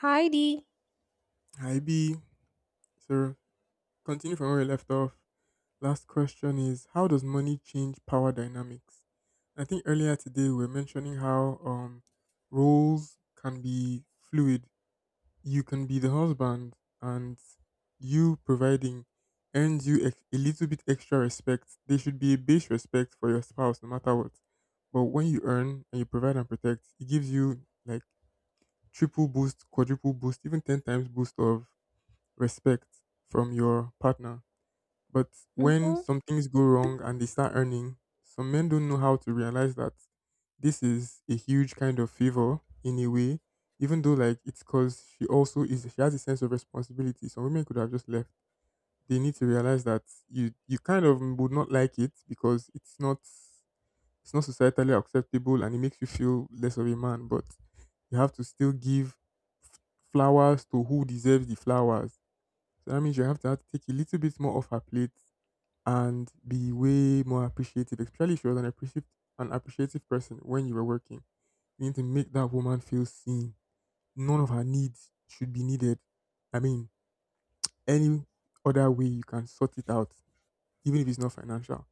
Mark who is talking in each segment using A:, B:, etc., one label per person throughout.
A: Heidi.
B: Hi B. So continue from where we left off. Last question is how does money change power dynamics? I think earlier today we were mentioning how roles can be fluid. You can be the husband and you providing earns you a little bit extra respect. There should be a base respect for your spouse no matter what. But when you earn and you provide and protect, it gives you like triple boost, quadruple boost, even 10 times boost of respect from your partner. But when
A: Mhm.
B: some things go wrong and they start earning, some men don't know how to realize that this is a huge kind of favor in a way, even though like it's because she also is she has a sense of responsibility. Some women could have just left. They need to realize that you kind of would not like it because it's not societally acceptable and it makes you feel less of a man. But you have to still give f- flowers to who deserves the flowers, so that means you have to take a little bit more off her plate and be way more appreciative, especially if she was an appreciative person when you were working. You need to make that woman feel seen. None of her needs should be needed. I mean, any other way you can sort it out, even if it's not financial.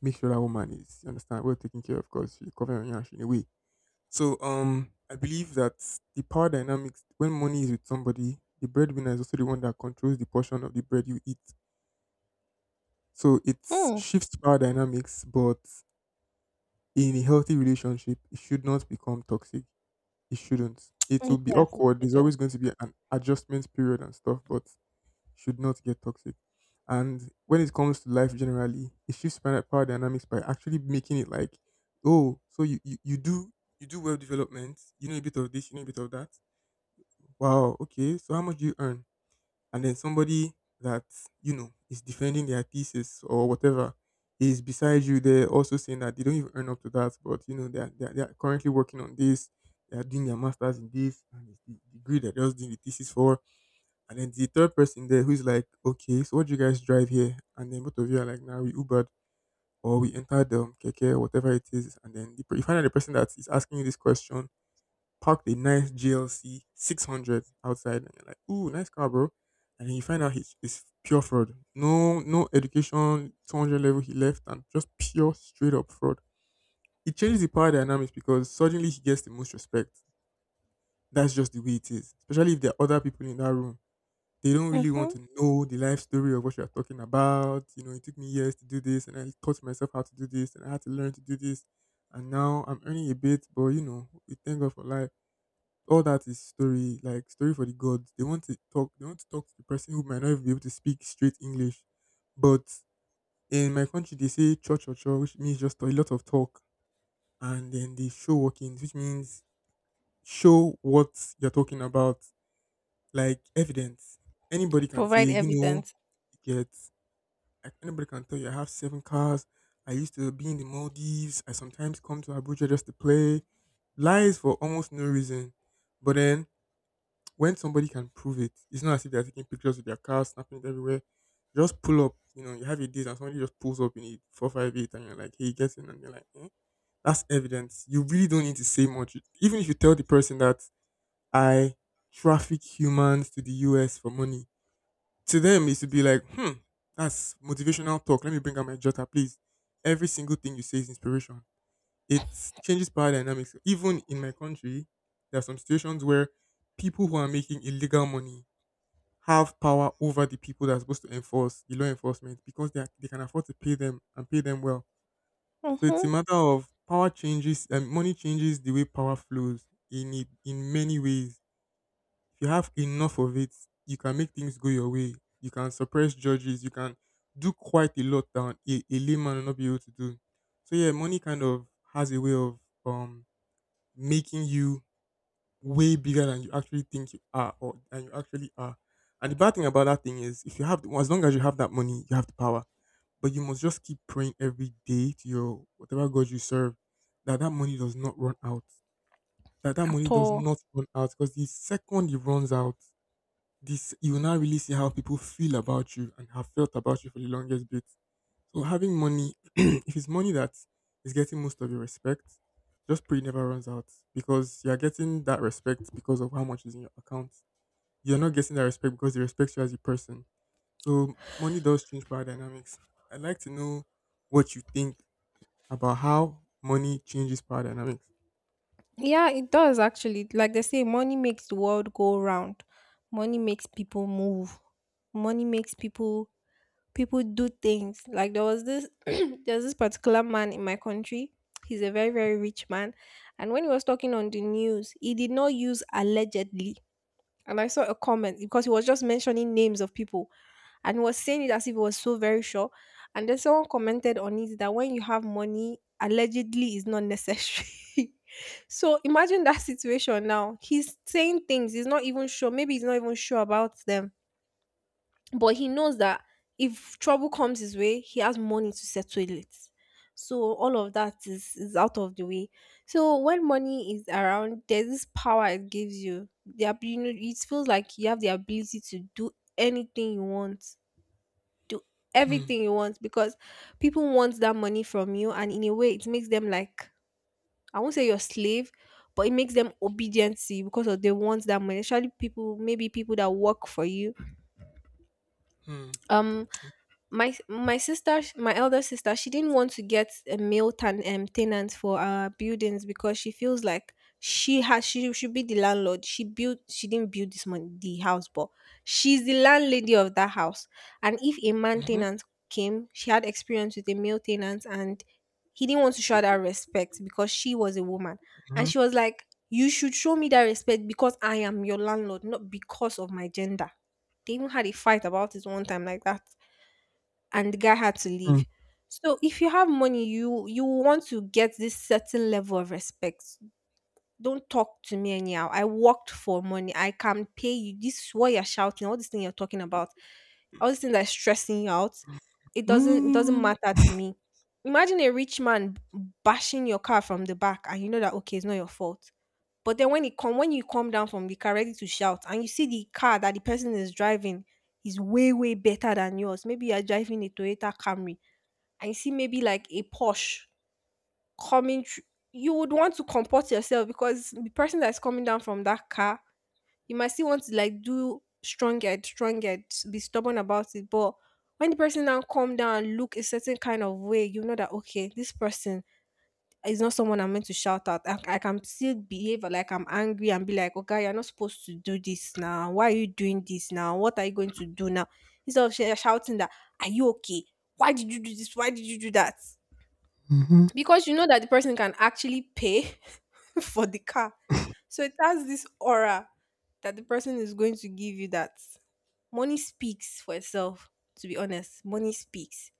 B: Make sure that woman is, you understand, well taken care of because she's covering your ass in a way. So I believe that the power dynamics, when money is with somebody, the breadwinner is also the one that controls the portion of the bread you eat. So it
A: Mm.
B: shifts power dynamics, but in a healthy relationship, it should not become toxic. It shouldn't. It will be
A: Yes, it
B: awkward.
A: should
B: There's
A: do.
B: always going to be an adjustment period and stuff, but should not get toxic. And when it comes to life generally, it shifts power dynamics by actually making it like, oh, so you do web development, you know a bit of this, you know a bit of that. Wow, okay. So how much do you earn? And then somebody that you know is defending their thesis or whatever is beside you, they're also saying that they don't even earn up to that, but you know they're currently working on this, they're doing their masters in this, and it's the degree that they're just doing the thesis for. And then the third person there who's like, okay, so what do you guys drive here? And then both of you are like, now nah, we ubered or we entered the keke or whatever it is, and then you find out the person that is asking you this question parked a nice GLC 600 outside, and you're like, "Ooh, nice car, bro," and then you find out he's it's pure fraud. No, no education, 200 level he left, and just pure straight up fraud. It changes the power dynamics because suddenly he gets the most respect. That's just the way it is. Especially if there are other people in that room. They don't really want
A: Mhm.
B: to know the life story of what you're talking about. You know, it took me years to do this, and I taught myself how to do this, and I had to learn to do this. And now I'm earning a bit, but you know, we thank God for life. All that is story, like story for the gods. They want to talk. They want to talk to the person who might not even be able to speak straight English. But in my country, they say cho cho cho, which means just a lot of talk, and then they show workings, which means show what you're talking about, like evidence. Anybody can say,
A: Provide
B: you know,
A: evidence.
B: you get, like, anybody can tell you, I have seven cars. I used to be in the Maldives. I sometimes come to Abuja just to play. Lies for almost no reason. But then when somebody can prove it, it's not as if they're taking pictures with their car, snapping it everywhere. Just pull up, you know, you have a date and somebody just pulls up in a 458 and you're like, hey, get in, and you're like, eh? That's evidence. You really don't need to say much. Even if you tell the person that I traffic humans to the US for money, to them it should be like, hmm, that's motivational talk. Let me bring out my jotter, please. Every single thing you say is inspiration. It changes power dynamics. Even in my country, there are some situations where people who are making illegal money have power over the people that are supposed to enforce the law enforcement because they can afford to pay them and pay them well. So it's a
A: Mhm.
B: matter of power changes, and money changes the way power flows in it, in many ways. If you have enough of it, you can make things go your way. You can suppress judges. You can do quite a lot that a layman will not be able to do. So yeah, money kind of has a way of um making you way bigger than you actually think you are or than you actually are. And the bad thing about that thing is, if you as long as you have that money, you have the power. But you must just keep praying every day to your whatever God you serve that that money does not run out. That that money
A: At
B: does
A: all.
B: not run out, because the second it runs out, this you will now really see how people feel about you and have felt about you for the longest bit. So having money, if it's money that is getting most of your respect, just pray it never runs out, because you are getting that respect because of how much is in your account. You're not getting that respect because they respect you as a person. So money does change power dynamics. I'd like to know what you think about how money changes power dynamics.
A: Yeah, it does actually. Like they say, money makes the world go round. Money makes people move. Money makes people do things. Like there was this there's this particular man in my country. He's a very very rich man, and when he was talking on the news, he did not use allegedly. And I saw a comment because he was just mentioning names of people, and he was saying it as if he was so very sure. And then someone commented on it that when you have money, allegedly is not necessary. So imagine that situation now. He's saying things, he's not even sure. Maybe he's not even sure about them, but he knows that if trouble comes his way, he has money to settle it. So all of that is out of the way. So when money is around, there's this power it gives you. You know, it feels like you have the ability to do anything you want, do
B: Hmm,
A: everything you want because people want that money from you, and in a way, it makes them like, I won't say your slave, but it makes them obedient to you because of they want that money. Especially people, maybe people that work for you,
B: hmm,
A: um my sister, my elder sister, she didn't want to get a tenant for our buildings because she feels like she should be the landlord. She didn't build this the house, but she's the landlady of that house. And if a man
B: mhm,
A: tenant came, she had experience with a male tenant, and he didn't want to show her that respect because she was a woman. And
B: mhm,
A: she was like, you should show me that respect because I am your landlord, not because of my gender. They even had a fight about it one time like that, and the guy had to
B: hmm,
A: leave. So if you have money, you want to get this certain level of respect. Don't talk to me anyhow. I worked for money. I can pay you. This is what you're shouting, all this thing you're talking about, all this thing that's stressing you out. It doesn't
B: mm,
A: matter to me. Imagine a rich man bashing your car from the back, and you know that okay, it's not your fault. But then when it come when you come down from the car ready to shout and you see the car that the person is driving is way, way better than yours. Maybe you're driving a Toyota Camry and you see maybe like a Porsche coming thr- you would want to comport yourself because the person that's coming down from that car, you might still want to like do stronger, stronger, be stubborn about it. But when the person now come down and look a certain kind of way, you know that okay, this person, it's not someone I'm meant to shout at. I can still behave like I'm angry and be like, okay, you're not supposed to do this now. Why are you doing this now? What are you going to do now? Instead of shouting that, are you okay? Why did you do this? Why did you do that?
B: mhm,
A: Because you know that the person can actually pay for the car. So it has this aura that the person is going to give you, that money speaks for itself, to be honest. Money speaks.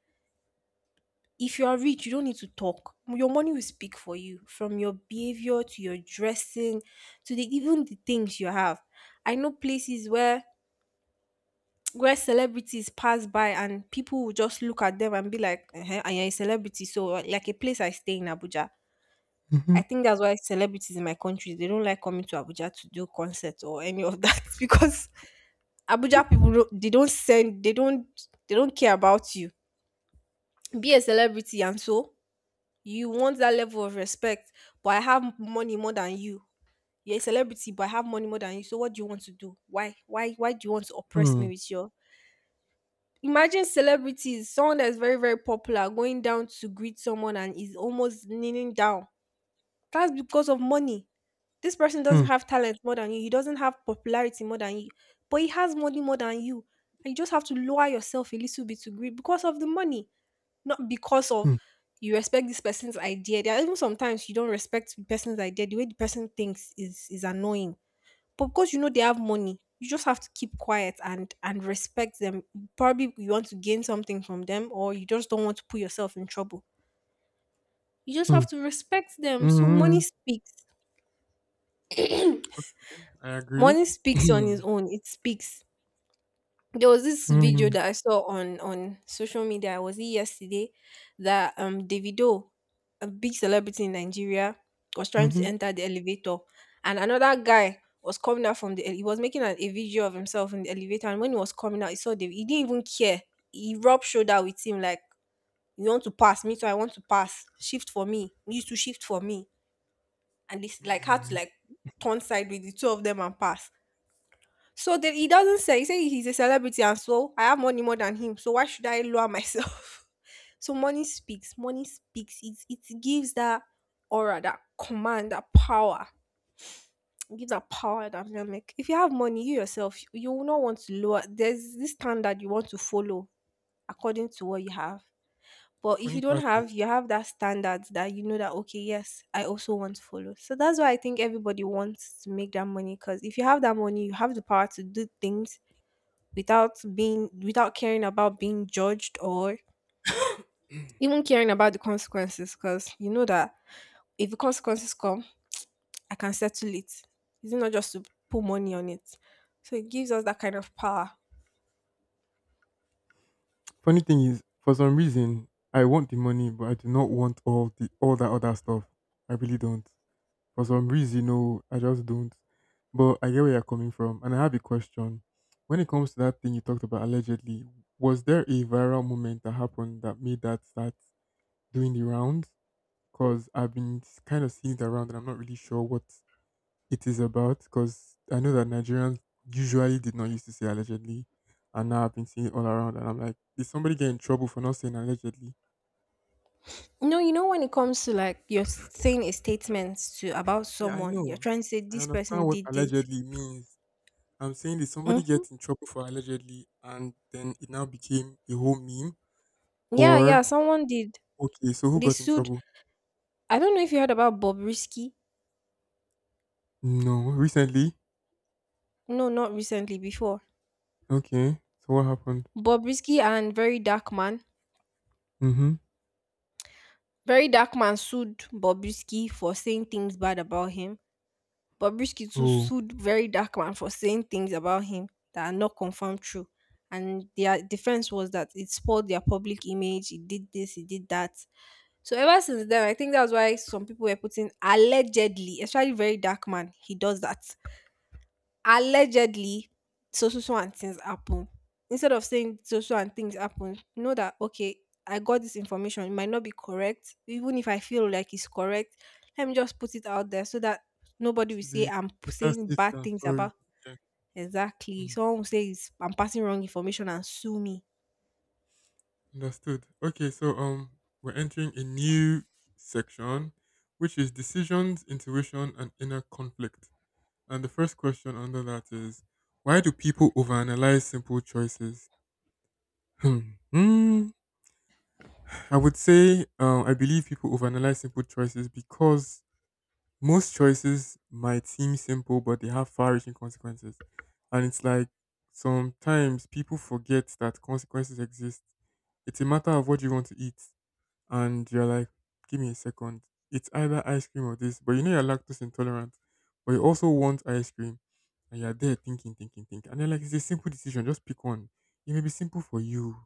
A: If you are rich, you don't need to talk. Your money will speak for you, from your behavior to your dressing to the even the things you have. I know places where celebrities pass by and people will just look at them and be like, uh, and you're a celebrity. So like a place I stay in Abuja.
B: mhm,
A: I think that's why celebrities in my country, they don't like coming to Abuja to do concerts or any of that because Abuja people they don't send, they don't care about you. Be a celebrity and so you want that level of respect, but I have money more than you. You're a celebrity, but I have money more than you, so what do you want to do? Why why do you want to oppress me
B: hmm,
A: with your, imagine celebrities, someone that's very very popular going down to greet someone and is almost kneeling down, that's because of money. This person doesn't
B: hmm,
A: have talent more than you, he doesn't have popularity more than you, but he has money more than you. And you just have to lower yourself a little bit to greet because of the money, not because of
B: hmm,
A: you respect this person's idea. There are even sometimes you don't respect the person's idea. The way the person thinks is annoying. But because you know they have money, you just have to keep quiet and respect them. Probably you want to gain something from them, or you just don't want to put yourself in trouble. You just
B: hmm,
A: have to respect them. So
B: mm.
A: money speaks.
B: I agree.
A: Money speaks on its own. It speaks. There was this video
B: Hmm,
A: that I saw on social media. Was it yesterday that Davido, a big celebrity in Nigeria, was trying to enter the elevator, and another guy was coming out from he was making a video of himself in the elevator, and when he was coming out, he saw David. He didn't even care. He rubbed shoulder with him like, "You want to pass me? So I want to pass. Shift for me. You to shift for me." And this like had to
B: mhm.
A: like turn side with the two of them and pass. So then he doesn't say he say he's a celebrity and so I have money more than him. So why should I lower myself? So money speaks. Money speaks. It gives that aura, that command, that power. It gives that power dynamic. If you have money, you yourself, you will not want to lower. There's this standard you want to follow according to what you have.
B: The
A: But if you
B: funny
A: don't
B: part
A: have,
B: is,
A: you have that standard that you know that okay, yes, I also want to follow. So that's why I think everybody wants to make that money, because if you have that money, you have the power to do things without being, without caring about being judged or even caring about the consequences, because you know that if the consequences come, I can settle it. It's not just to put money on it. So it gives us that kind of power.
B: Funny thing is, for some reason, I want the money, but I do not want all the all that other stuff. I really don't. For some reason, no, I just don't. But I get where you're coming from, and I have a question. When it comes to that thing you talked about, allegedly, was there a viral moment that happened that made that start doing the rounds? Because I've been kind of seeing the round, and I'm not really sure what it is about, because I know that Nigerians usually did not used to say allegedly, and now I've been seeing it all around, and I'm like, did somebody get in trouble for not saying allegedly?
A: No, you know, when it comes to like you're saying a statement to about
B: Yeah, I
A: someone, you're
B: know.
A: trying to say
B: I
A: this
B: understand
A: person
B: what
A: did this.
B: allegedly means. I'm saying, did somebody
A: Mm,
B: get in trouble for allegedly, and then it now became a whole meme,
A: yeah, yeah,
B: or
A: someone did.
B: okay, so who
A: They
B: got in
A: sued.
B: trouble?
A: I don't know if you heard about bob risky
B: No, recently.
A: no, not recently, before.
B: Okay, so what happened?
A: Bob risky and Very Dark Man.
B: Mm-hmm.
A: Very Dark Man sued Bobrisky for saying things bad about him. Bobrisky too
B: Oh,
A: sued Very Dark Man for saying things about him that are not confirmed true. And their defense was that it spoiled their public image, it did this, it did that. So ever since then, I think that's why some people were putting allegedly, especially Very Dark Man, he does that. Allegedly so so and things happen, instead of saying so and things happen, know that okay, I got this information, it might not be correct, even if I feel like it's correct, let me just put it out there so that nobody will
B: to
A: say
B: be better
A: saying
B: safe
A: bad
B: than
A: things
B: sorry.
A: about,
B: Yeah.
A: exactly
B: Mm-hmm.
A: someone will say it's, I'm passing wrong information and sue me.
B: Understood. Okay, so we're entering a new section, which is decisions, intuition, and inner conflict. And the first question under that is, why do people overanalyze simple choices? Hmm. Hmm. I would say, I believe people overanalyze simple choices because most choices might seem simple, but they have far-reaching consequences. And it's like sometimes people forget that consequences exist. It's a matter of what you want to eat, and you're like, give me a second. It's either ice cream or this, but you know you're lactose intolerant, but you also want ice cream, and you're there thinking, thinking, thinking, and then like it's a simple decision. Just pick one. It may be simple for you,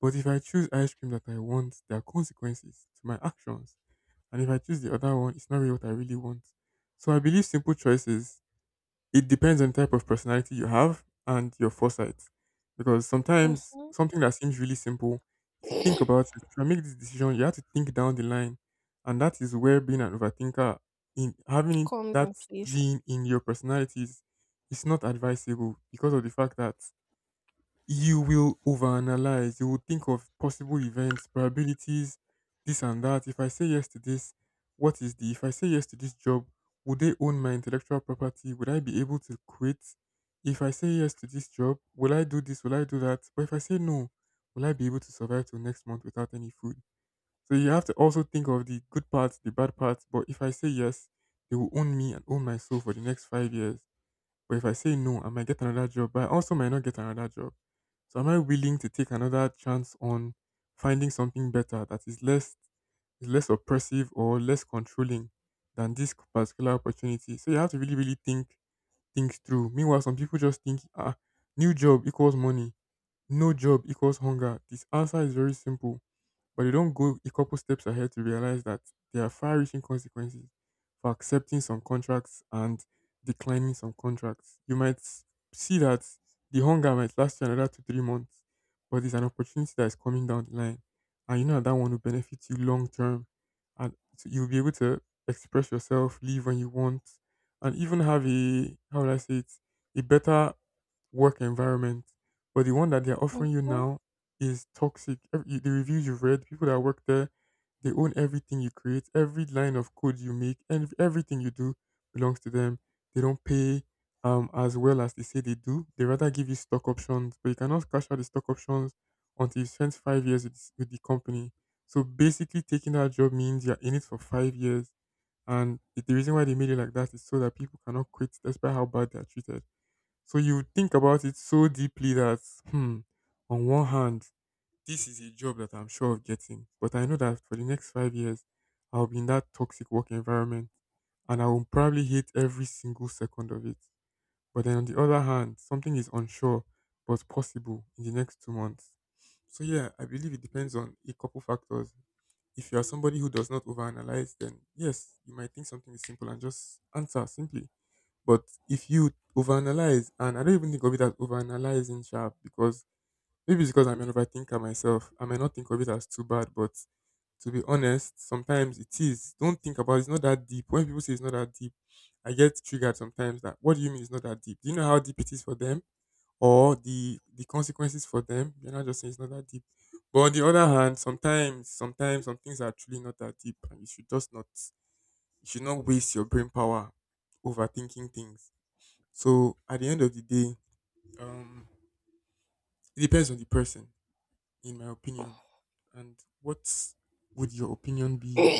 B: but if I choose ice cream that I want, there are consequences to my actions, and if I choose the other one, it's not really what I really want. So I believe simple choices, it depends on the type of personality you have and your foresight. Because sometimes
A: Hmm,
B: something that seems really simple, if you think about it, if you make this decision, you have to think down the line. And that is where being an overthinker, in having
A: comes
B: that
A: in place.
B: gene in your personalities, is not advisable because of the fact that you will overanalyze. You will think of possible events, probabilities, this and that. If I say yes to this, what is the? If I say yes to this job, would they own my intellectual property? Would I be able to quit? If I say yes to this job, will I do this? Will I do that? But if I say no, will I be able to survive till next month without any food? So you have to also think of the good parts, the bad parts. But if I say yes, they will own me and own my soul for the next 5 years. But if I say no, I might get another job, but I also might not get another job. So am I willing to take another chance on finding something better that is less oppressive or less controlling than this particular opportunity? So you have to really, really think things through. Meanwhile, some people just think, ah, new job equals money, no job equals hunger. This answer is very simple, but they don't go a couple steps ahead to realize that there are far-reaching consequences for accepting some contracts and declining some contracts. You might see that the hunger might last you another two, 3 months, but it's an opportunity that is coming down the line, and you know that, that one will benefit you long term, and so you'll be able to express yourself, leave when you want, and even have a, how would I say it, a better work environment. But the one that they're
A: Mhm.
B: offering you
A: Well,
B: now is toxic. The reviews you've read, people that work there, they own everything you create, every line of code you make, and everything you do belongs to them. They don't pay as well as they say they do. They rather give you stock options, but you cannot cash out the stock options until you spend 5 years with the company. So basically, taking that job means you're in it for 5 years. And the reason why they made it like that is so that people cannot quit despite how bad they are treated. So you think about it so deeply that, hmm, on one hand, this is a job that I'm sure of getting, but I know that for the next 5 years, I'll be in that toxic work environment and I will probably hate every single second of it. But then on the other hand, something is unsure but possible in the next 2 months. So, yeah, I believe it depends on a couple factors. If you are somebody who does not overanalyze, then yes, you might think something is simple and just answer simply. But if you overanalyze, and I don't even think of it as overanalyzing, sharp, because maybe it's because I'm an overthinker myself. I might not think of it as too bad, but to be honest, sometimes it is. Don't think about it. It's not that deep. When people say it's not that deep, I get triggered sometimes that what do you mean it's not that deep? Do you know how deep it is for them? Or the consequences for them? You're not just saying it's not that deep. But on the other hand, sometimes some things are truly not that deep and you should not waste your brain power overthinking things. So at the end of the day, um it depends on the person, in my opinion. And what would your opinion be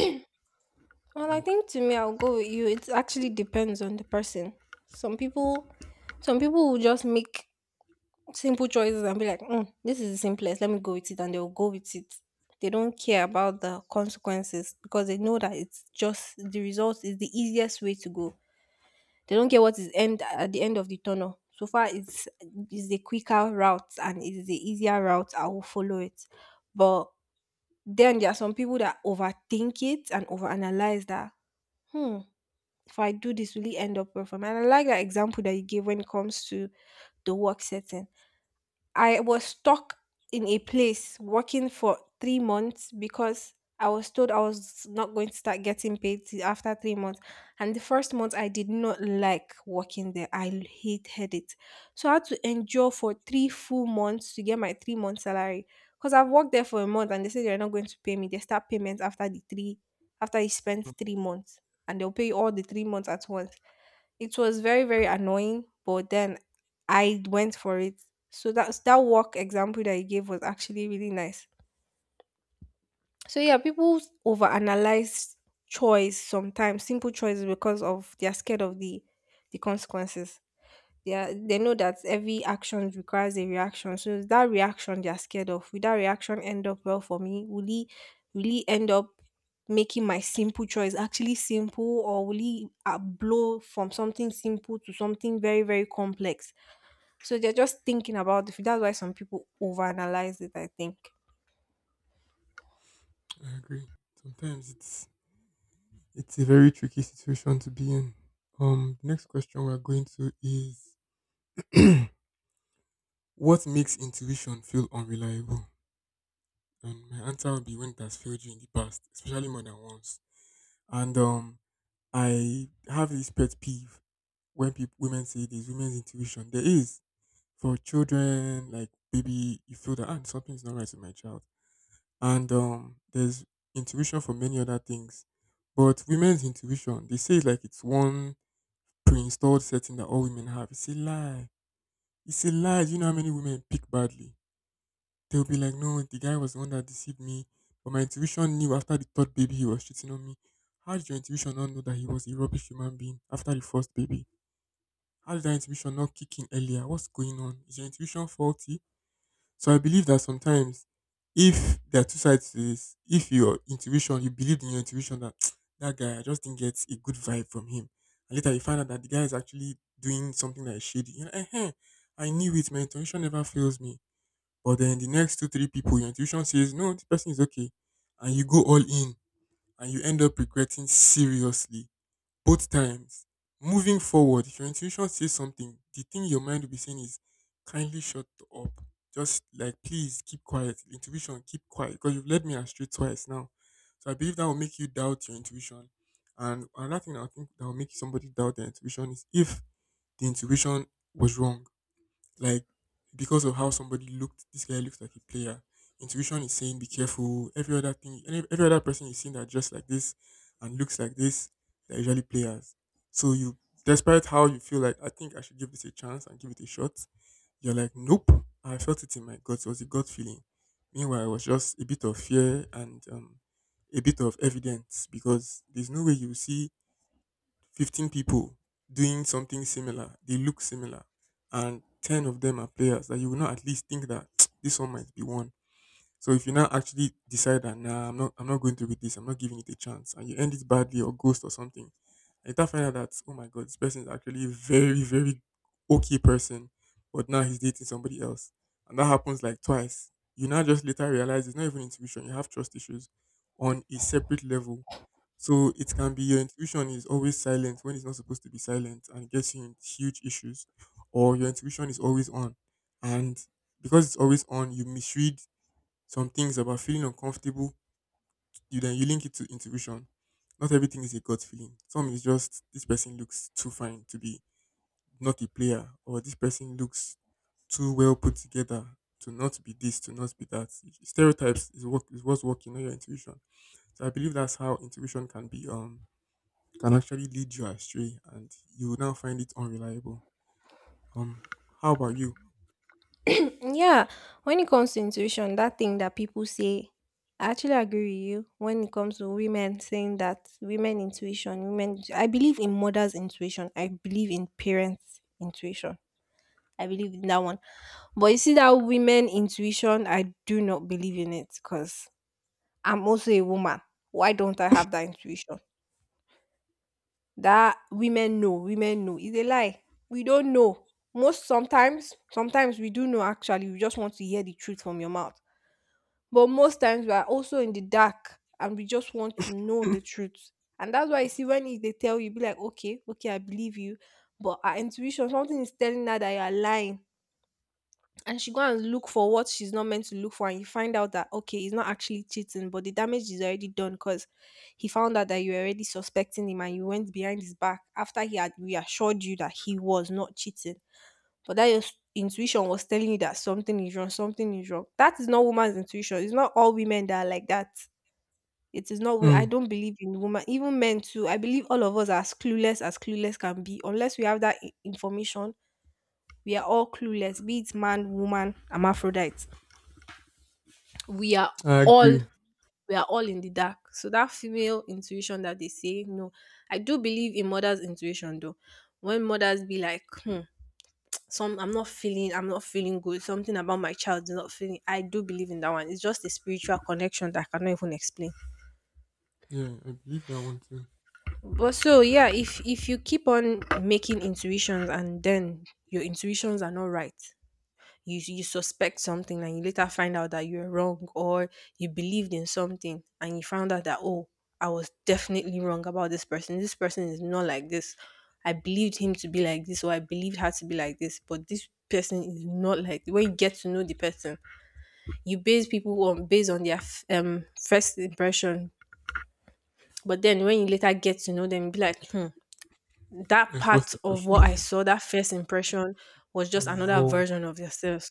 B: of
A: I
B: that?
A: think to me, I'll go with you. It actually depends on the person. Some people, some people will just make simple choices and be like, mm, this is the simplest, let me go with it, and they'll go with it. They don't care about the consequences because they know that it's just the result is the easiest way to go. They don't care what is end at the end of the tunnel. So far, it's is the quicker route and it is the easier route, I will follow it. But then there are some people that overthink it and overanalyze that. Hmm, if I do this, will it end up well for me? And I like that example that you gave when it comes to the work setting. I was stuck in a place working for 3 months because I was told I was not going to start getting paid till after 3 months. And the first month, I did not like working there. Hated it. So I had to endure for three full months to get my 3 month salary. Because I've worked there for a month and they say they're not going to pay me. They start payments after you spend
B: Mm,
A: 3 months. And they'll pay you all the 3 months at once. It was very, very annoying, but then I went for it. So that work example that you gave was actually really nice. So yeah, people overanalyze choice sometimes, simple choices because of they are scared of the consequences. Yeah, they know that every action requires a reaction. So it's that reaction they are scared of. Will that reaction end up well for me? Will he end up making my simple choice actually simple, or will he blow from something simple to something very very complex? So they're just thinking about it. That's why some people overanalyze it, I think.
B: I agree. Sometimes it's a very tricky situation to be in. The next question we're going to is what makes intuition feel unreliable? And my answer will be when it has failed you in the past, especially more than once. And I have this pet peeve when people women say there's women's intuition. There is, for children, like maybe you feel that, ah, something's not right with my child, and there's intuition for many other things. But women's intuition, they say it's like it's one pre-installed setting that all women have. It's a lie. It's a lie. Do you know how many women pick badly? They'll be like, no, the guy was the one that deceived me, but my intuition knew after the third baby he was cheating on me. How did your intuition not know that he was a rubbish human being after the first baby? How did that intuition not kick in earlier? What's going on? Is your intuition faulty? So I believe that sometimes, if there are two sides to this, if your intuition, you believed in your intuition that that guy, I just didn't get a good vibe from him. And later you find out that the guy is actually doing something that is shady. You know, eh, I knew it, my intuition never fails me. But then the next two, three people, your intuition says, no, this person is okay. And you go all in and you end up regretting seriously both times. Moving forward, if your intuition says something, the thing your mind will be saying is kindly shut up. Just like, please keep quiet. Intuition, keep quiet. Because you've led me astray twice now. So I believe that will make you doubt your intuition. And another thing I think that will make somebody doubt their intuition is if the intuition was wrong. Like, because of how somebody looked, this guy looks like a player. Intuition is saying be careful. Every other thing, every other person you see that dressed like this and looks like this, they're usually players. So you, despite how you feel like I think I should give this a chance and give it a shot, you're like nope. I felt it in my gut. It was a gut feeling. Meanwhile, it was just a bit of fear and a bit of evidence because there's no way you see 15 people doing something similar, they look similar, and 10 of them are players that you will not at least think that this one might be one. So if you now actually decide that, nah, I'm not going through with this, I'm not giving it a chance, and you end it badly or ghost or something, and you now find out that, oh my god, this person is actually a very, very okay person, but now he's dating somebody else, and that happens like twice. You now just later realize it's not even intuition; you have trust issues on a separate level. So it can be your intuition is always silent when it's not supposed to be silent and gets you in huge issues, or your intuition is always on, and because it's always on, you misread some things about feeling uncomfortable, you link it to intuition. Not everything is a gut feeling. Some is just this person looks too fine to be not a player, or this person looks too well put together to not be that. Stereotypes is what's working, not your intuition. So I believe that's how intuition can be can actually lead you astray, and you will now find it unreliable. Um, how about you?
A: Yeah, when it comes to intuition, that thing that people say, I actually agree with you. When it comes to women saying that women intuition, women, I believe in mother's intuition, I believe in parents' intuition, I believe in that one. But you see, that women intuition, I do not believe in it because I'm also a woman. Why don't I have that intuition? That women know, is a lie. We don't know. Sometimes, we do know actually, we just want to hear the truth from your mouth. But most times we are also in the dark and we just want to know the truth. And that's why you see they tell you, be like, okay, okay, I believe you. But our intuition, something is telling her that you are lying. And she go and look for what she's not meant to look for, and you find out that okay, he's not actually cheating, but the damage is already done because he found out that you were already suspecting him and you went behind his back after he had reassured you that he was not cheating. But that your intuition was telling you that something is wrong, something is wrong. That is not woman's intuition. It's not all women that are like that. It is not. I
B: Hmm,
A: don't believe in woman, even men too. I believe all of us are as clueless can be. Unless we have that information, we are all clueless. Be it man, woman, hermaphrodite. We are
B: I
A: all
B: agree.
A: we are all in the dark. So that female intuition that they say no, I do believe in mother's intuition though. When mothers be like, hmm, some I'm not feeling good, something about my child is not feeling. I do believe in that one. It's just a spiritual connection that I cannot even explain.
B: Yeah, I believe that one too.
A: But so yeah, if you keep on making intuitions and then your intuitions are not right. You suspect something and you later find out that you're wrong, or you believed in something and you found out that oh, I was definitely wrong about this person. This person is not like this. I believed him to be like this or I believed her to be like this, but this person is not like when you get to know the person. You base people on based on their first impression, but then when you later get to know them you be like, hmm, that
B: My first
A: part of what I
B: impression
A: saw that first impression was just
B: was
A: another
B: wrong.
A: version of yourself,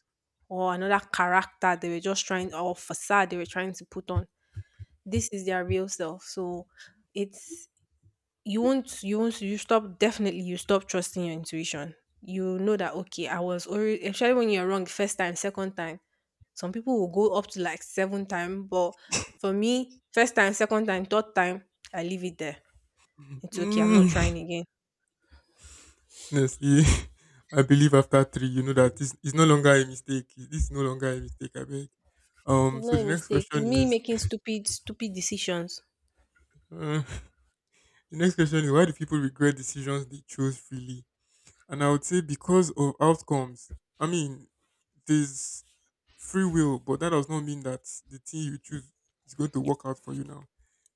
A: or another character they were just trying, or facade they were trying to put on. This is their real self. So it's you won't you won't you stop definitely you stop trusting your intuition. You know that okay, I was already, especially when you're wrong the first time, second time. Some people will go up to like seven time, but for me, first time, second time, third time, I leave it there. It's okay. I'm not
B: Mm,
A: trying again.
B: honestly, I believe after three, you know that this is no longer a mistake. This is no longer a mistake. I beg.
A: It's
B: So
A: not a
B: the next
A: mistake.
B: question
A: It's me
B: is,
A: making stupid, stupid decisions.
B: uh, the next question is, why do people regret decisions they chose freely? And I would say because of outcomes. I mean, there's free will, but that does not mean that the thing you choose is going to work out for you now.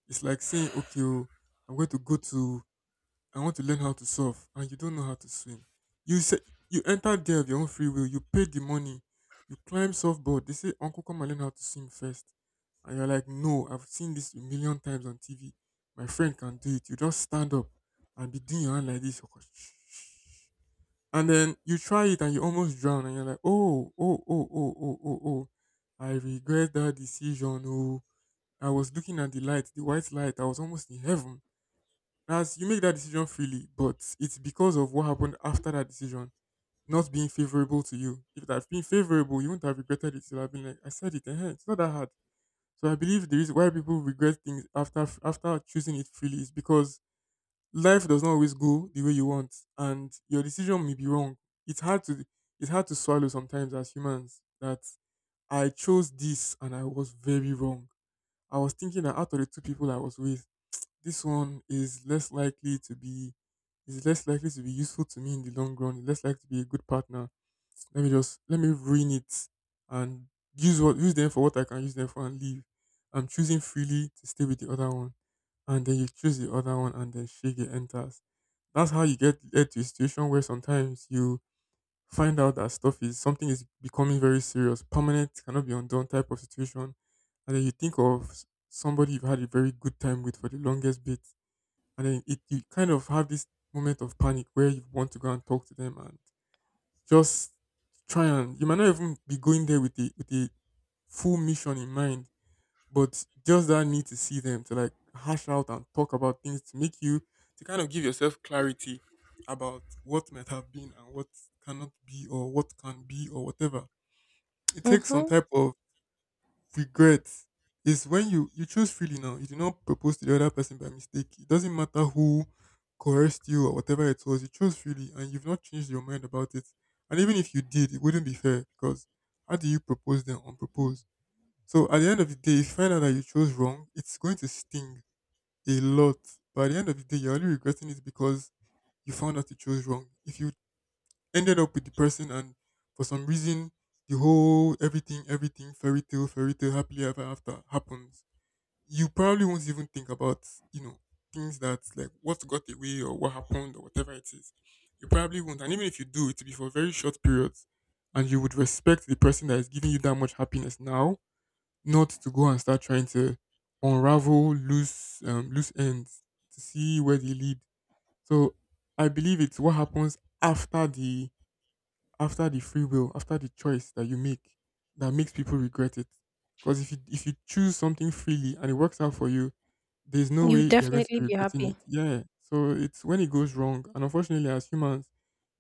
B: It's like saying, okay, oh, I'm going to go to I want to learn how to surf and you don't know how to swim. You said you entered there of your own free will. You paid the money. You climb surfboard. They say, "Uncle, come and learn how to swim first." And you're like, "No, I've seen this a million times on TV. My friend can do it. You just stand up and be doing your hand like this." And then you try it and you almost drown. And you're like, "Oh, oh, oh, oh, oh, oh, oh. I regret that decision. Oh, I was looking at the light, the white light. I was almost in heaven." As you make that decision freely, but it's because of what happened after that decision not being favorable to you. If it had been favorable, you wouldn't have regretted it. You'd have been like, I said it, eh, it's not that hard. So I believe the reason why people regret things after choosing it freely is because life does not always go the way you want, and your decision may be wrong. It's hard to it's hard to swallow sometimes as humans that I chose this and I was very wrong. I was thinking that out of the two people I was with, this one is less likely to be useful to me in the long run. It's less likely to be a good partner. Let me ruin it and use them for what I can use them for and leave. I'm choosing freely to stay with the other one. And then you choose the other one and then shake it enters. That's how you get led to a situation where sometimes you find out that stuff is something is becoming very serious, permanent, cannot be undone type of situation. And then you think of somebody you've had a very good time with for the longest bit, and then it you kind of have this moment of panic where you want to go and talk to them and just try. And you might not even be going there with the full mission in mind, but just that need to see them to like hash out and talk about things to make you to kind of give yourself clarity about what might have been and what cannot be or what can be or whatever. It takes some
A: Mm-hmm.
B: type of regret is when you choose freely now. You do not propose to the other person by mistake. It doesn't matter who coerced you or whatever it was. You chose freely, and you've not changed your mind about it. And even if you did, it wouldn't be fair because how do you propose then unproposed? So at the end of the day, if you find out that you chose wrong, it's going to sting a lot. But at the end of the day, you're only regretting it because you found out you chose wrong. If you ended up with the person and for some reason the whole everything fairy tale happily ever after happens, you probably won't even think about, you know things that like what got away or what happened or whatever it is. You probably won't, and even if you do, it'll be for very short periods, and you would respect the person that is giving you that much happiness now not to go and start trying to unravel loose loose ends to see where they lead. So I believe it's what happens after the free will, after the choice that you make, that makes people regret it. Because if you choose something freely and it works out for you, there's no
A: You
B: way you're going to
A: definitely
B: be
A: be
B: regretting it.
A: happy.
B: Yeah. So it's when it goes wrong, and unfortunately, as humans,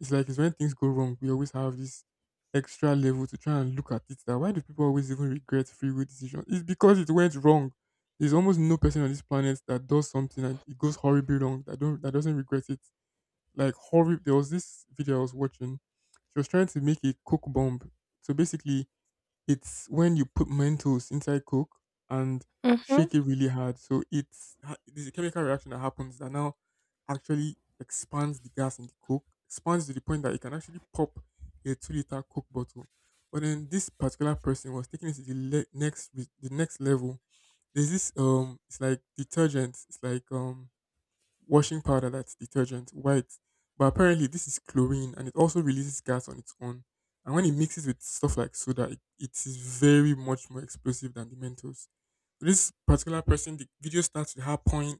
B: it's when things go wrong, we always have this extra level to try and look at it. That why do people always even regret free will decisions? It's because it went wrong. There's almost no person on this planet that does something and it goes horribly wrong that don't that doesn't regret it like horrible. There was this video I was watching. She was trying to make a coke bomb. So basically, it's when you put Mentos inside coke and shake
A: Mm-hmm.
B: it really hard. So there's a chemical reaction that happens that now actually expands the gas in the coke, expands to the point that it can actually pop a 2 liter coke bottle. But then this particular person was taking it to the the next level. There's this it's like detergent. It's like washing powder that's detergent, white. But apparently this is chlorine and it also releases gas on its own. And when it mixes with stuff like soda, it is very much more explosive than the Mentos. This particular person, the video starts with her pouring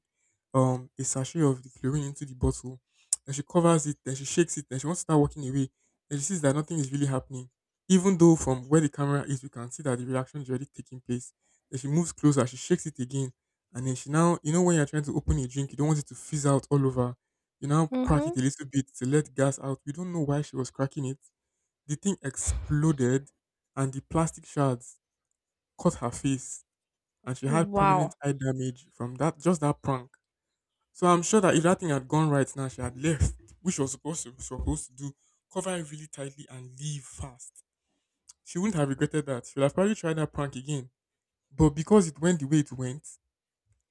B: a sachet of the chlorine into the bottle. Then she covers it, then she shakes it, then she wants to start walking away. Then she sees that nothing is really happening. Even though from where the camera is, we can see that the reaction is already taking place. Then she moves closer, she shakes it again, and then she now, you know, when you're trying to open a drink, you don't want it to fizz out all over. You now crack
A: Mm-hmm.
B: it a little bit to let gas out. We don't know why she was cracking it. The thing exploded, and the plastic shards cut her face, and she had permanent
A: Wow.
B: eye damage from that prank. So I'm sure that if that thing had gone right now, she had left, which she was supposed to do, cover it really tightly and leave fast, she wouldn't have regretted that. She would have probably tried that prank again. But because it went the way it went,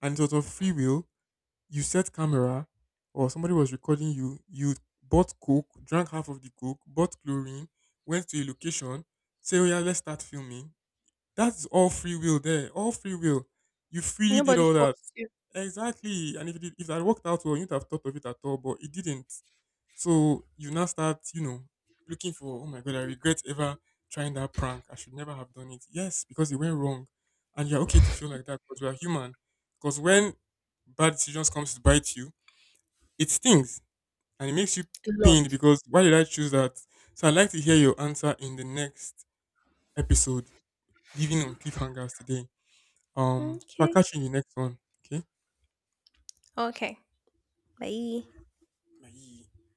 B: and it was of free will, you set camera or somebody was recording you, you bought coke, drank half of the coke, bought chlorine, went to a location, say, oh yeah, let's start filming. That's all free will there, all free will. You freely did
A: Nobody
B: all that.
A: forced you
B: Exactly. And if if that worked out well, you'd have thought of it at all, but it didn't. So you now start, you know, looking for, oh my God, I regret ever trying that prank. I should never have done it. Yes, because it went wrong. And you're okay to feel like that because we are human. Because when bad decisions comes to bite you, it stings and it makes you
A: a lot.
B: pained because why did I choose that? So I'd like to hear your answer in the next episode, leaving on cliffhangers today. So I'll
A: Okay.
B: catch you in the next one. Okay.
A: Okay. Bye.
B: Bye.